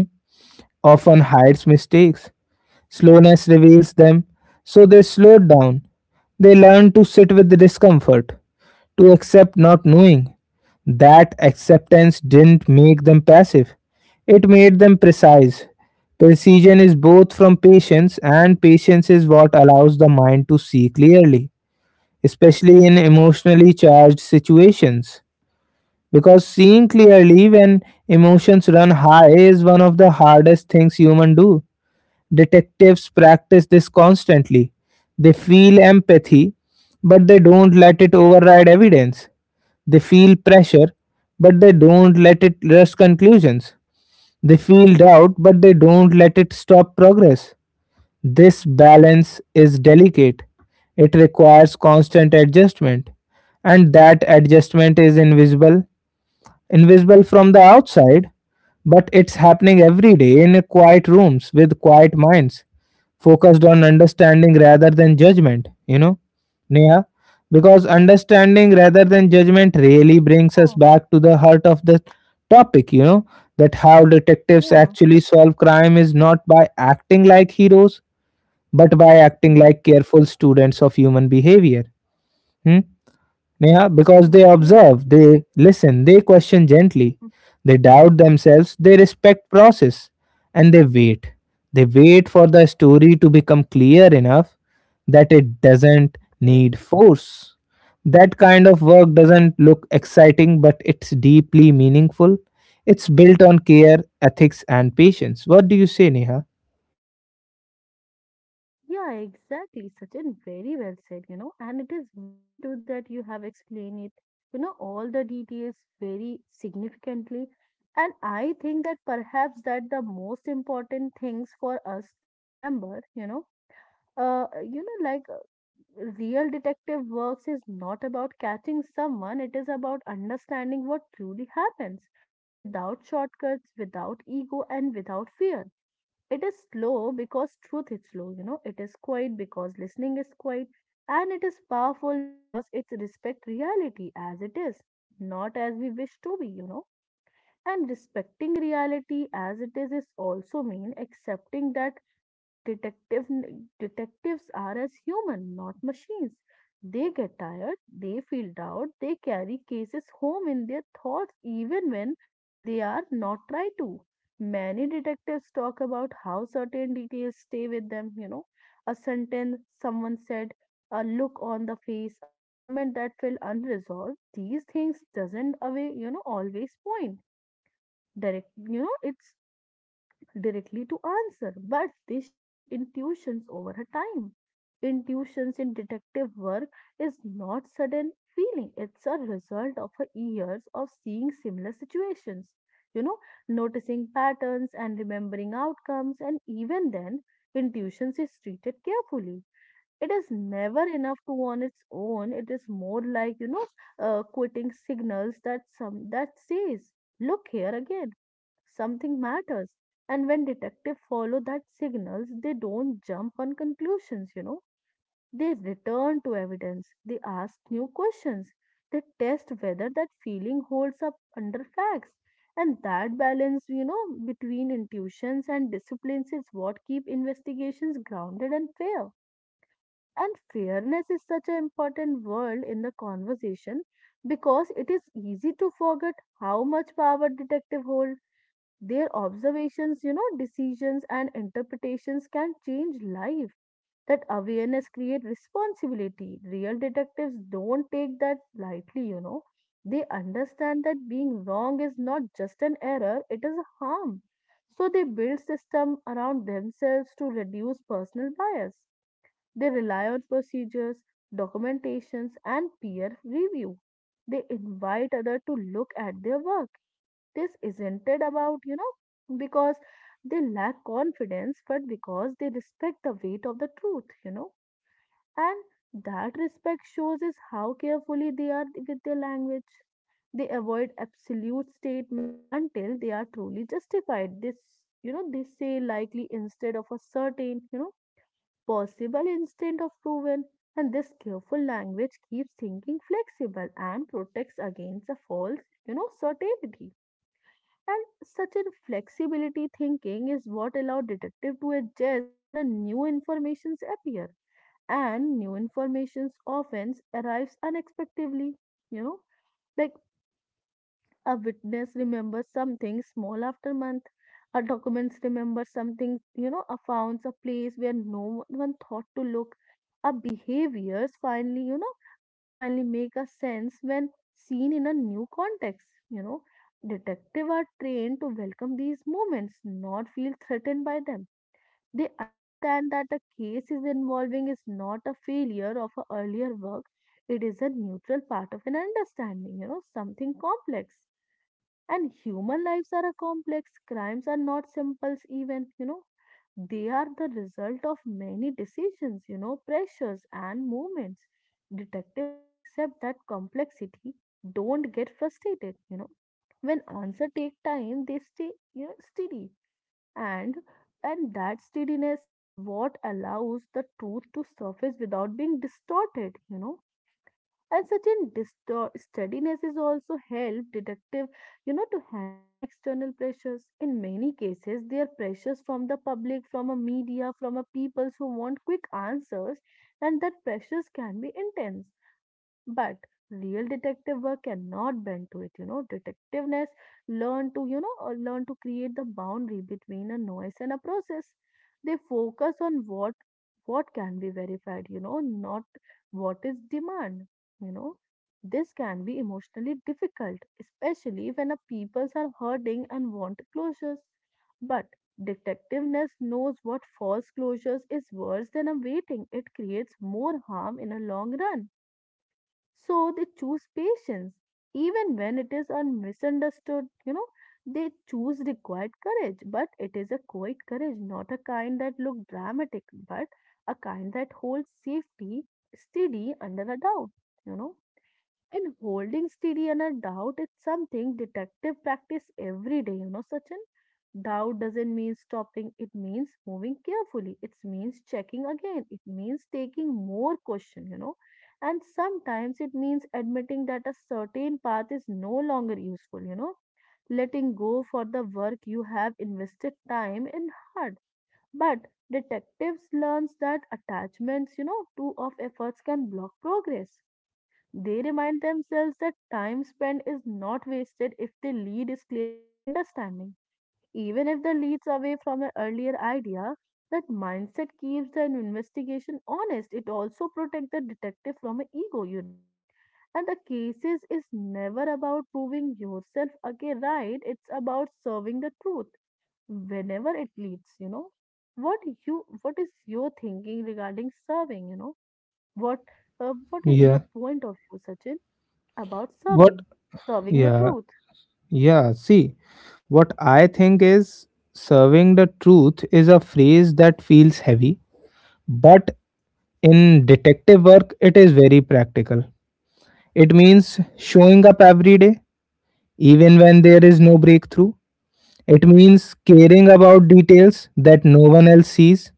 [SPEAKER 1] often hides mistakes. Slowness reveals them, so they slow down. They learn to sit with the discomfort, to accept not knowing. That acceptance didn't make them passive, it made them precise. Precision is both from patience, and patience is what allows the mind to see clearly, especially in emotionally charged situations. Because seeing clearly when emotions run high is one of the hardest things humans do. Detectives practice this constantly. They feel empathy, but they don't let it override evidence. They feel pressure, but they don't let it rush conclusions. They feel doubt, but they don't let it stop progress. This balance is delicate. It requires constant adjustment, and that adjustment is invisible, invisible from the outside, but it's happening every day in quiet rooms with quiet minds, focused on understanding rather than judgment, you know, Neha, because understanding rather than judgment really brings us
[SPEAKER 2] Yeah.
[SPEAKER 1] back to the heart of the topic, you know, that how detectives
[SPEAKER 2] Yeah.
[SPEAKER 1] actually solve crime is not by acting like heroes, but by acting
[SPEAKER 2] Mm-hmm.
[SPEAKER 1] like careful students of human behavior. Hmm? Neha, because they
[SPEAKER 2] Yeah.
[SPEAKER 1] observe, they listen, they question gently, they doubt themselves, they
[SPEAKER 2] Mm-hmm.
[SPEAKER 1] respect process, and they wait. They wait for the story to become clear enough that it doesn't need force. That kind of work doesn't look exciting, but it's deeply meaningful. It's built on care, ethics, and patience. What do you say, Neha?
[SPEAKER 2] Yeah, exactly. Sachin, very well said, and it is very true that you have explained it, all the details very significantly. And I think that perhaps that the most important things for us to remember, like real detective works is not about catching someone, it is about understanding what truly happens without shortcuts, without ego, and without fear. It is slow because truth is slow. It is quiet because listening is quiet. And it is powerful because it respects reality as it is, not as we wish to be, and respecting reality as it is also mean accepting that you know detective detectives are as human, not machines. They get tired, they feel doubt, they carry cases home in their thoughts even when they are not try to. Many detectives talk about how certain details stay with them, a sentence someone said, a look on the face, a moment that felt unresolved. These things doesn't away, always point direct, it's directly to answer, but this shaped intuitions over her time. Intuitions in detective work is not sudden feeling, it's a result of her years of seeing similar situations, you know noticing patterns and remembering outcomes. And even then intuitions is treated carefully. It is never enough to on its own, it is more like, quitting signals that some that says, look here again, something matters. And when detectives follow that signals, they don't jump on conclusions. They return to evidence, they ask new questions, they test whether that feeling holds up under facts. And that balance, between intuitions and disciplines is what keep investigations grounded and fair. And fairness is such an important word in the conversation because it is easy to forget how much power detective hold. Their observations, decisions and interpretations can change life. That awareness creates responsibility. Real detectives don't take that lightly. They understand that being wrong is not just an error, it is a harm. So they build systems around themselves to reduce personal bias. They rely on procedures, documentations and peer review. They invite others to look at their work. This isn't it about, because they lack confidence, but because they respect the weight of the truth, and that respect shows is how carefully they are with their language. They avoid absolute statement until they are truly justified. This, they say likely instead of a certain, possible instead of proven, and this careful language keeps thinking flexible and protects against a false, certainty. And such a flexibility thinking is what allow detective to adjust when a new informations appear. And new informations often arrives unexpectedly, you know. Like a witness remembers something small after month. A documents remember something, a founds, a place where no one thought to look. Our behaviors finally, finally make a sense when seen in a new context. Detectives are trained to welcome these moments, not feel threatened by them. They understand that a case is involving is not a failure of a earlier work. It is a neutral part of an understanding, something complex, and human lives are a complex. Crimes are not simple even. They are the result of many decisions, pressures and movements. Detective who accept that complexity don't get frustrated. When answer take time, they stay, steady. And and that steadiness is what allows the truth to surface without being distorted, you know, and certain steadiness is also help detective, you know, to handle the external pressures. In many cases, they are pressures from the public, from a media, from a peoples who want quick answers, and that pressures can be intense. But real detective work cannot bend to it, you know. Detectiveness learn to, learn to create the boundary between a noise and a process. They focus on what can be verified, you know, not what is demand, you know. This can be emotionally difficult, especially when a peoples are hurting and want closures. But detectiveness knows what false closures is worse than awaiting. It creates more harm in a long run, so they choose patience, even when it is misunderstood, you know. They choose required courage, but it is a quiet courage, not a kind that look dramatic, but a kind that holds safety steady under a doubt, you know. And holding steady on a doubt is something detective practice every day, you know, Sachin. Doubt doesn't mean stopping, it means moving carefully. It means checking again. It means taking more question, you know. And sometimes it means admitting that a certain path is no longer useful, you know. Letting go for the work you have invested time and heart. But detectives learns that attachments, you know, too of efforts can block progress. They remind themselves that time spent is not wasted if the lead is clear and understanding. Even if the leads away from an earlier idea, that mindset keeps the investigation honest. It also protects the detective from an ego, you know. And the cases is never about proving yourself again right. It's about serving the truth whenever it leads, you know. What what is your thinking regarding serving, you know? What what is
[SPEAKER 1] Yeah.
[SPEAKER 2] your point of view, Sachin? About
[SPEAKER 1] What?
[SPEAKER 2] serving, serving the
[SPEAKER 1] Yeah.
[SPEAKER 2] truth.
[SPEAKER 1] Yeah, see, what I think is, serving the truth is a phrase that feels heavy, but in detective work, it is very practical. It means showing up every day, even when there is no breakthrough. It means caring about details that no one else sees,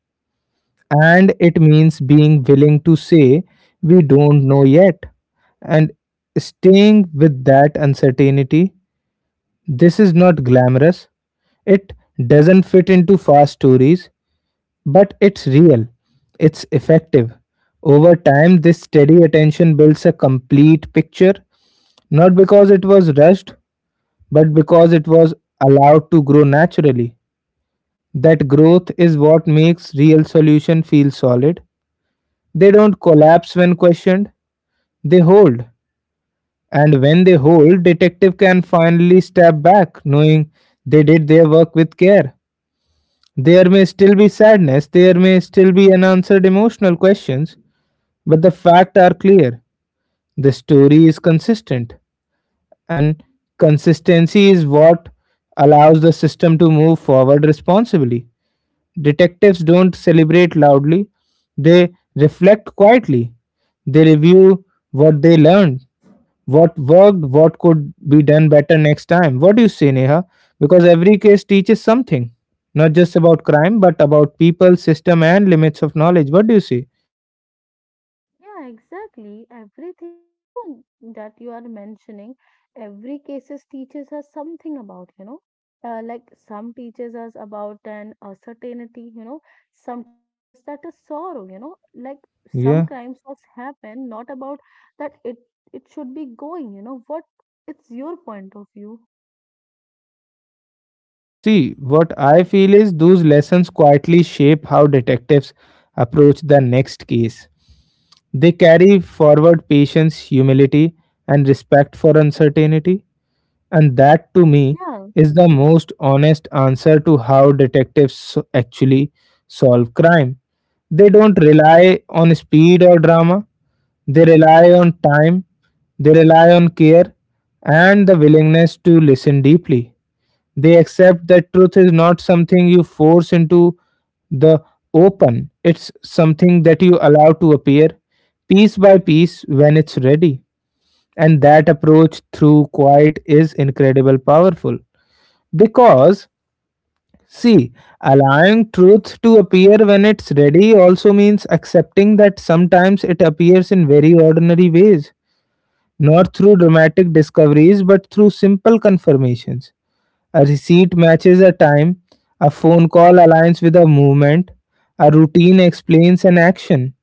[SPEAKER 1] and it means being willing to say, "We don't know yet." And staying with that uncertainty, this is not glamorous. It doesn't fit into fast stories, but it's real. It's effective. Over time, this steady attention builds a complete picture, not because it was rushed, but because it was allowed to grow naturally. That growth is what makes real solution feel solid. They don't collapse when questioned, they hold. And when they hold, detective can finally step back knowing they did their work with care. There may still be sadness, there may still be unanswered emotional questions, but the facts are clear. The story is consistent, and consistency is what allows the system to move forward responsibly. Detectives don't celebrate loudly, they reflect quietly, they review what they learned, what worked, what could be done better next time. What do you say, Neha? Because every case teaches something, not just about crime, but about people, system, and limits of knowledge. What do you say?
[SPEAKER 2] Yeah, exactly. Everything, you know, that you are mentioning, every cases teaches us something about, you know, like some teaches us about an uncertainty, you know, some teaches us that a sorrow, you know, like some
[SPEAKER 1] Yeah.
[SPEAKER 2] crimes was happen, not about that it should be going, you know, what it's your point of view.
[SPEAKER 1] See, what I feel is those lessons quietly shape how detectives approach the next case. They carry forward patience, humility, and respect for uncertainty. And that, to me,
[SPEAKER 2] Yeah,
[SPEAKER 1] is the most honest answer to how detectives actually solve crime. They don't rely on speed or drama, they rely on time, they rely on care, and the willingness to listen deeply. They accept that truth is not something you force into the open, it's something that you allow to appear piece by piece when it's ready, and that approach through quiet is incredible powerful because see allowing truth to appear when it's ready also means accepting that sometimes it appears in very ordinary ways, not through dramatic discoveries but through simple confirmations. A receipt matches a time, a phone call aligns with a movement, a routine explains an action.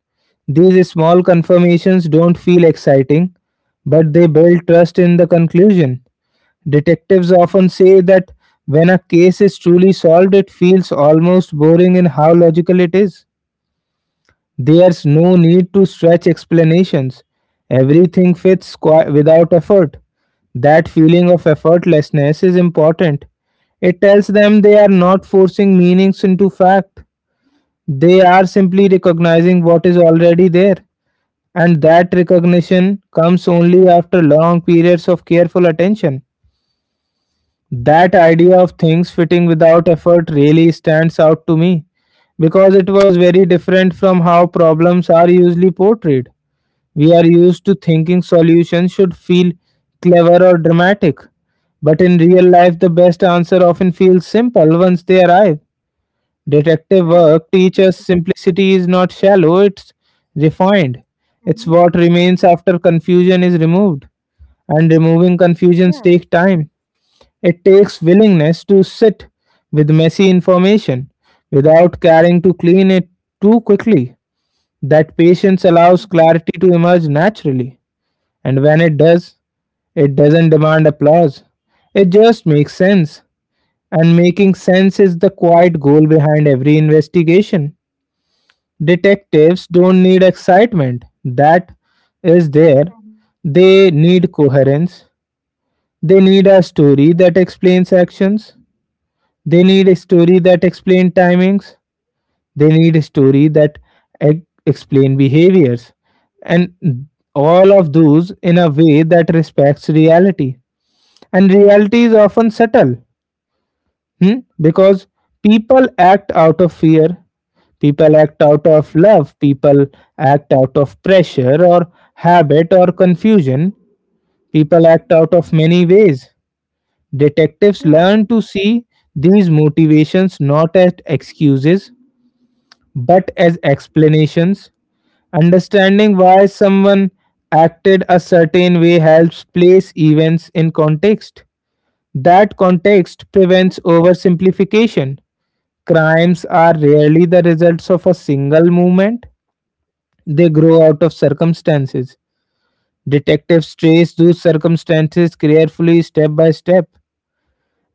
[SPEAKER 1] These small confirmations don't feel exciting, but they build trust in the conclusion. Detectives often say that when a case is truly solved, it feels almost boring in how logical it is. There's no need to stretch explanations. Everything fits without effort. That feeling of effortlessness is important. It tells them they are not forcing meanings into fact. They are simply recognizing what is already there. And that recognition comes only after long periods of careful attention. That idea of things fitting without effort really stands out to me because it was very different from how problems are usually portrayed. We are used to thinking solutions should feel clever or dramatic, but in real life, the best answer often feels simple once they arrive. Detective
[SPEAKER 2] yeah,
[SPEAKER 1] work teaches
[SPEAKER 2] exactly.
[SPEAKER 1] simplicity is not shallow, it's refined. It's
[SPEAKER 2] Mm-hmm.
[SPEAKER 1] what remains after confusion is removed, and removing
[SPEAKER 2] Yeah.
[SPEAKER 1] confusions take time. It takes willingness to sit with messy information without caring to clean it too quickly. That patience allows
[SPEAKER 2] Mm-hmm.
[SPEAKER 1] clarity to emerge naturally. And when it does, it doesn't demand applause. It just makes sense. And making sense is the quiet goal behind every investigation. Detectives don't need excitement. That is there.
[SPEAKER 2] Mm-hmm.
[SPEAKER 1] They need coherence. They need a story
[SPEAKER 2] Yeah.
[SPEAKER 1] that explains actions. They need a story that explains timings. They need a story that explain behaviors, and all of those in a way that respects reality. And reality is often subtle, because people act out of fear, people act out of
[SPEAKER 2] Mm-hmm.
[SPEAKER 1] love, people act out of pressure or habit or confusion, people act out of many ways. Detectives
[SPEAKER 2] Yeah.
[SPEAKER 1] learn to see these motivations not as excuses but as explanations. Understanding why someone acted a certain way helps place events in context. That context
[SPEAKER 2] Yeah.
[SPEAKER 1] prevents oversimplification. Crimes are rarely the results of a single movement, they grow out of circumstances. Detectives trace those circumstances carefully step by step.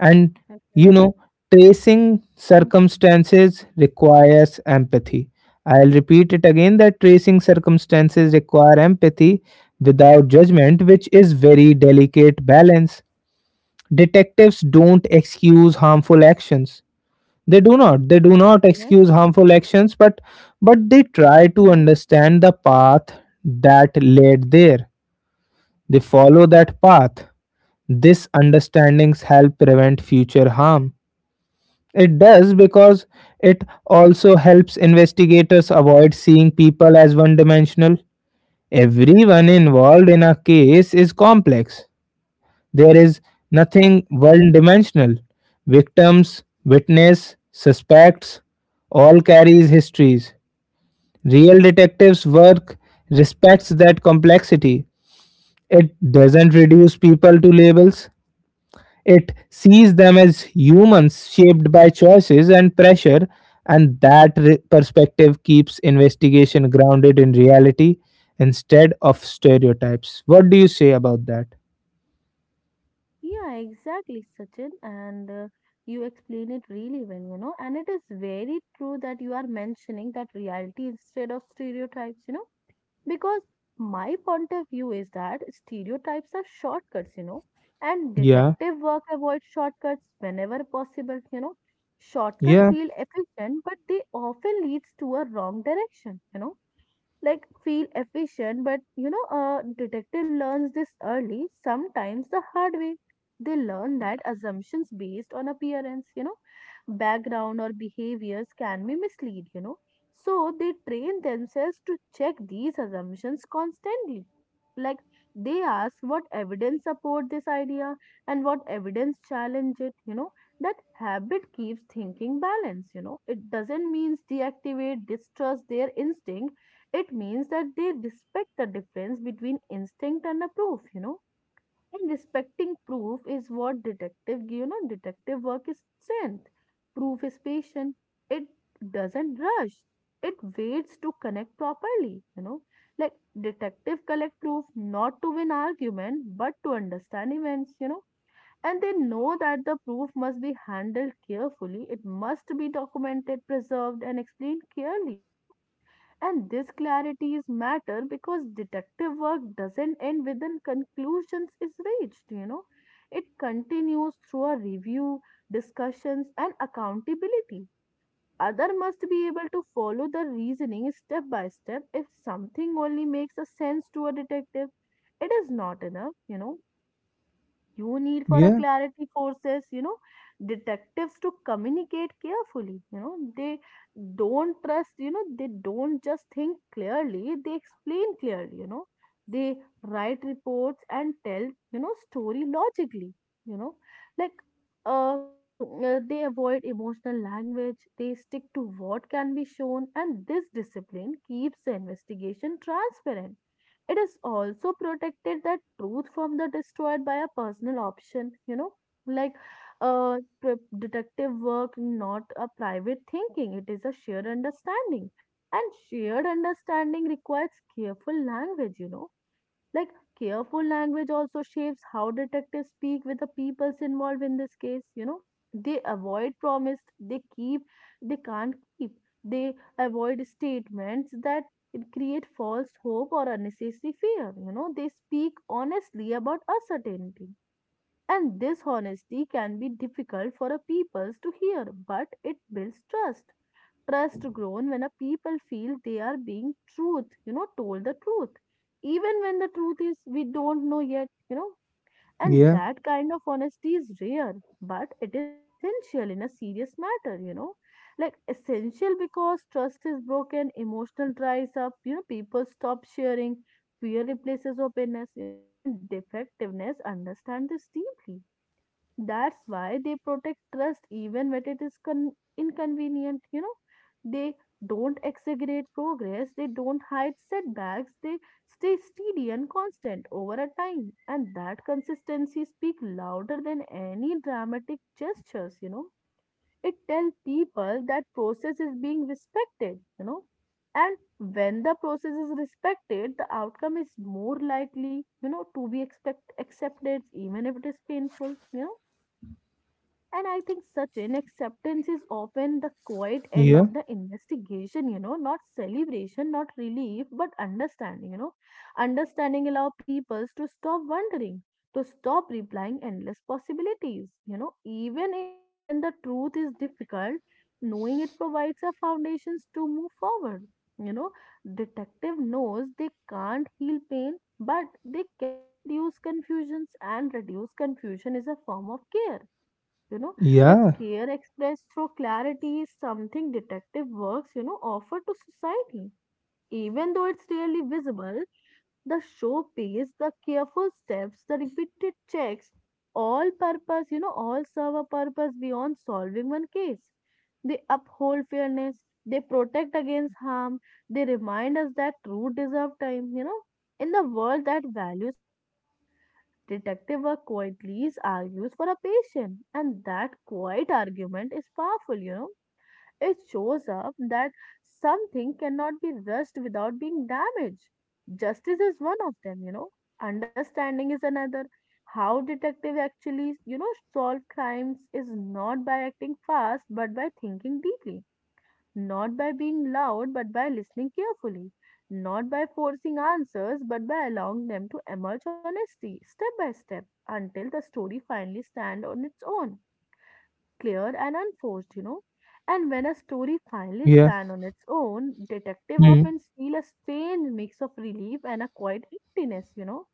[SPEAKER 1] And you
[SPEAKER 2] Yeah.
[SPEAKER 1] know, tracing circumstances requires empathy. I'll repeat it again that tracing circumstances require empathy without judgment, which is very delicate balance. Detectives don't excuse harmful actions. They do not. They do not
[SPEAKER 2] Yes.
[SPEAKER 1] excuse harmful actions, but they try to
[SPEAKER 2] Mm-hmm.
[SPEAKER 1] understand the path that led there. They follow that path. This understandings help prevent future harm, it does, because it also helps investigators avoid seeing people as one dimensional. Everyone involved in a case is complex. There is
[SPEAKER 2] Yeah.
[SPEAKER 1] nothing one dimensional. Victims, witness, suspects all carries histories. Real detectives' work respects that complexity. It doesn't reduce people to labels. It sees them as humans shaped by choices and pressure, and that perspective keeps investigation grounded in reality instead of stereotypes. What do you say about that?
[SPEAKER 2] Yeah, exactly, Sachin. And you explain it really well, you know. And it is very true that you are mentioning that reality instead of stereotypes, you know, because my point of view is that stereotypes are shortcuts, you know, and
[SPEAKER 1] Yeah,
[SPEAKER 2] detective work avoids shortcuts whenever possible, you know. Shortcuts
[SPEAKER 1] yeah,
[SPEAKER 2] feel efficient, but they often leads to a wrong direction, you know, like feel efficient. But you know, a detective learns this early, sometimes the hard way. They learn that assumptions based on appearance, you know, background or behaviors can be mislead, you know, so they train themselves to check these assumptions constantly. Like, they ask what evidence support this idea and what evidence challenge it, you know. That habit keeps thinking balance, you know. It doesn't mean deactivate distrust their instinct, it means that they respect the difference between instinct and a proof, you know. And respecting proof is what detective, you know, detective work is strength. Proof is patient. It doesn't rush. It waits to connect properly, you know. Like, detective collect proof not to win argument, but to understand events, you know. And they know that the proof must be handled carefully. It must be documented, preserved, and explained clearly, you know. And this clarity is matter because detective work doesn't end with the conclusions is reached, you know. It continues through a review, discussions, and accountability. Other must be able to follow the reasoning step by step. If something only makes a sense to a detective, it is not enough, you know. You need for a
[SPEAKER 1] yeah,
[SPEAKER 2] clarity forces, you know, detectives to communicate carefully. You know, they don't just think clearly, they explain clearly, you know. They write reports and tell, you know, story logically, you know. Like, uh, they avoid emotional language, they stick to what can be shown, and this discipline keeps the investigation transparent. It is also protected that truth from the destroyed by a personal option, you know. Like, detective work, not a private thinking. It is a shared understanding, and shared understanding requires careful language, you know. Like, careful language also shapes how detectives speak with the peoples involved in this case, you know. They avoid promise, they keep, they can't keep. They avoid statements that create false hope or unnecessary fear, you know. They speak honestly about uncertainty. And this honesty can be difficult for a peoples to hear, but it builds trust. Trust grown when a people feel they are being truth you know told the truth, even when the truth is we don't know yet, you know. And
[SPEAKER 1] yeah,
[SPEAKER 2] that kind of honesty is rare, but it is essential in a serious matter, you know. Like essential because trust is broken emotional dries up, you know. People stop sharing, fear replaces openness, you know, and defectiveness understand this deeply. That's why they protect trust, even when it is inconvenient, you know. They don't exaggerate progress, they don't hide setbacks, they stay steady and constant over a time. And that consistency speaks louder than any dramatic gestures, you know. It tells people that process is being respected, you know. And when the process is respected, the outcome is more likely, you know, to be expect accepted, even if it is painful, you know. And I think such an acceptance is often the quiet end
[SPEAKER 1] yeah,
[SPEAKER 2] of the investigation, you know, not celebration, not relief, but understanding, you know. Understanding allow peoples to stop wondering, to stop replying endless possibilities, you know, even if, when the truth is difficult, knowing it provides a foundations to move forward. You know, detective knows they can't heal pain, but they can reduce confusions, and reduce confusion is a form of care, you know. Like
[SPEAKER 1] yeah,
[SPEAKER 2] care expressed through clarity is something detective works, you know, offer to society, even though it's rarely visible. The show pays the careful steps, the repeated checks, all purpose, you know, all serve a purpose beyond solving one case. They uphold fairness, they protect against harm, they remind us that truth deserve time, you know. In the world that values depth, detective work quietly argues for a patient, and that quiet argument is powerful, you know. It shows up that something cannot be rushed without being damaged. Justice is one of them, you know. Understanding is another. How detective actually, you know, solve crimes is not by acting fast but by thinking deeply. Not by being loud, but by listening carefully. Not by forcing answers, but by allowing them to emerge honestly, step by step, until the story finally stands on its own, clear and unforced, you know. And when a story finally
[SPEAKER 1] yeah.
[SPEAKER 2] stands on its own, detective
[SPEAKER 1] Hmm.
[SPEAKER 2] often feel a strange mix of relief and a quiet emptiness, you know.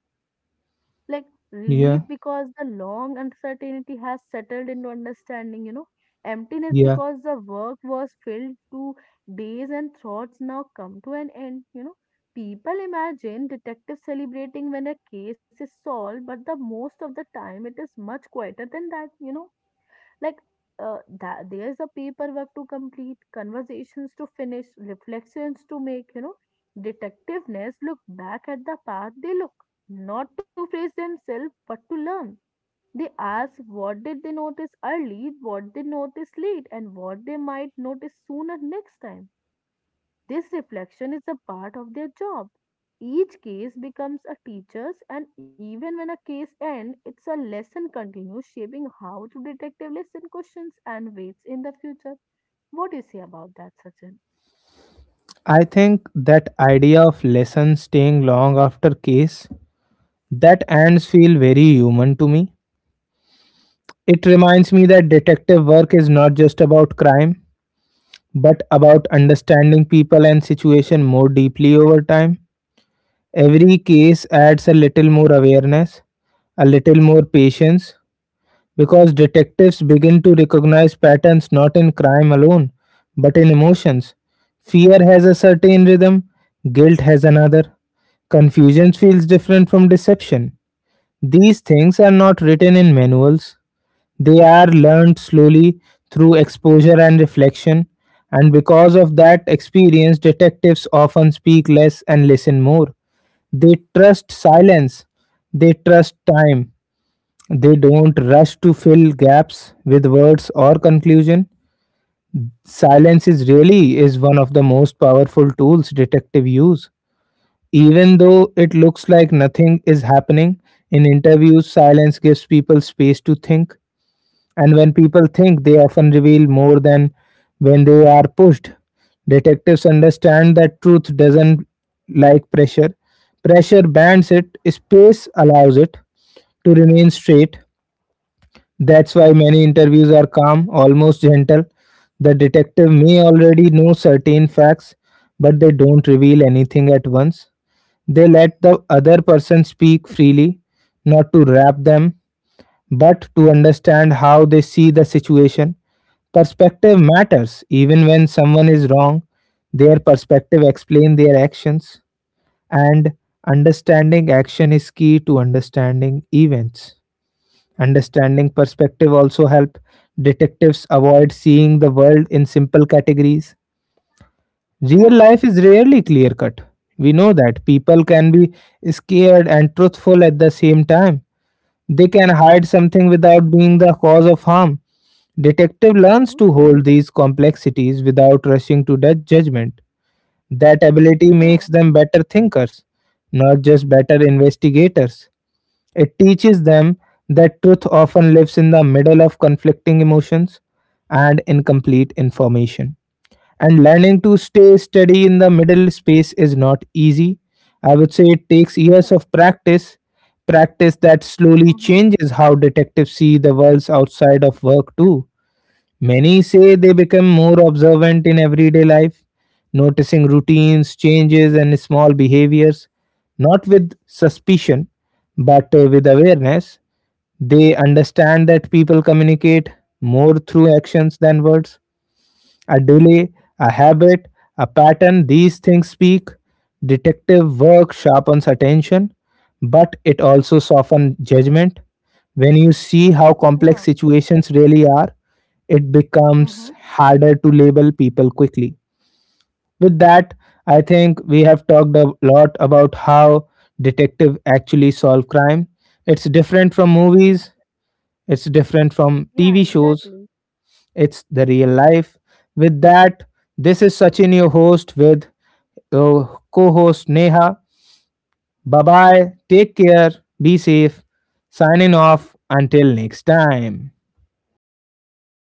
[SPEAKER 2] Like relief
[SPEAKER 1] Yeah,
[SPEAKER 2] because the long uncertainty has settled into understanding, you know, emptiness
[SPEAKER 1] yeah.
[SPEAKER 2] because the work was filled to days and thoughts now come to an end, you know. People imagine detectives celebrating when a case is solved, but the most of the time it is much quieter than that, you know. Like, there's a paperwork to complete, conversations to finish, reflections to make. You know, detectiveness look back at the path they look, not to praise themselves, but to learn. They ask what did they notice early, what they noticed late, and what they might notice sooner next time. This reflection is a part of their job. Each case becomes a teacher's, and even when a case ends, it's a lesson continues shaping how to detective listen questions and weights in the future. What do you say about that, Sachin?
[SPEAKER 1] I think that idea of lesson staying long after case that ends feel very human to me. It reminds me that detective work is not just about crime, but about understanding people and situation more deeply over time. Every case adds a little more awareness, a little more patience, because detectives begin to recognize patterns not in crime alone, but in emotions. Fear has a certain rhythm, guilt has another. Confusion feels different from deception. These things are not written in manuals, they are learned slowly through exposure and reflection, and because of that experience, detectives often speak less and listen more. They trust silence, they trust time, they don't rush to fill gaps with words or conclusion. Silence is really is one of the most powerful tools detective use. Even though it looks like nothing is happening, in interviews, silence gives people space to think, and when people think, they often reveal more than when they are pushed. Detectives understand that truth doesn't like pressure. Pressure bans it, space allows it to remain straight. That's why many interviews are calm, almost gentle. The detective may already know certain facts, but they don't reveal anything at once. They let the other person speak freely, not to wrap them, but to understand how they see the situation. Perspective matters. Even when someone is wrong, their perspective explains their actions, and understanding action is key to understanding events. Understanding perspective also help detectives avoid seeing the world in simple categories. Real
[SPEAKER 2] Yeah.
[SPEAKER 1] life is rarely clear cut. We know that people can be scared and truthful at the same time. They can hide something without being the cause of harm. Detective
[SPEAKER 2] Mm-hmm.
[SPEAKER 1] learns to hold these complexities without rushing to that judgment. That ability
[SPEAKER 2] Yeah.
[SPEAKER 1] makes them better thinkers, not just better investigators. It teaches them that truth often lives in the middle of conflicting emotions and incomplete information. And learning to stay steady in the middle space is not easy. I would say it takes
[SPEAKER 2] Yeah.
[SPEAKER 1] years of practice, practice that slowly
[SPEAKER 2] Mm-hmm.
[SPEAKER 1] changes how detectives see the worlds outside of work, too. Many say they become more observant in everyday life, noticing routines, changes, and small behaviors, not with suspicion, but with awareness. They understand that people communicate more through actions than words, a delay,
[SPEAKER 2] Yeah.
[SPEAKER 1] a habit, a pattern, these things speak. Detective work sharpens attention, but it also softens judgment. When you see how
[SPEAKER 2] Yeah.
[SPEAKER 1] complex situations really are, it
[SPEAKER 2] Mm-hmm.
[SPEAKER 1] becomes harder to label people quickly. With that, I think we have talked a lot about how detective actually solve crime. It's different from movies, it's different from
[SPEAKER 2] Yeah,
[SPEAKER 1] TV
[SPEAKER 2] exactly.
[SPEAKER 1] shows, it's the real life. With that, this is Sachin, your host, with uh, co host Neha. Bye bye. Take care. Be safe. Signing off. Until next time.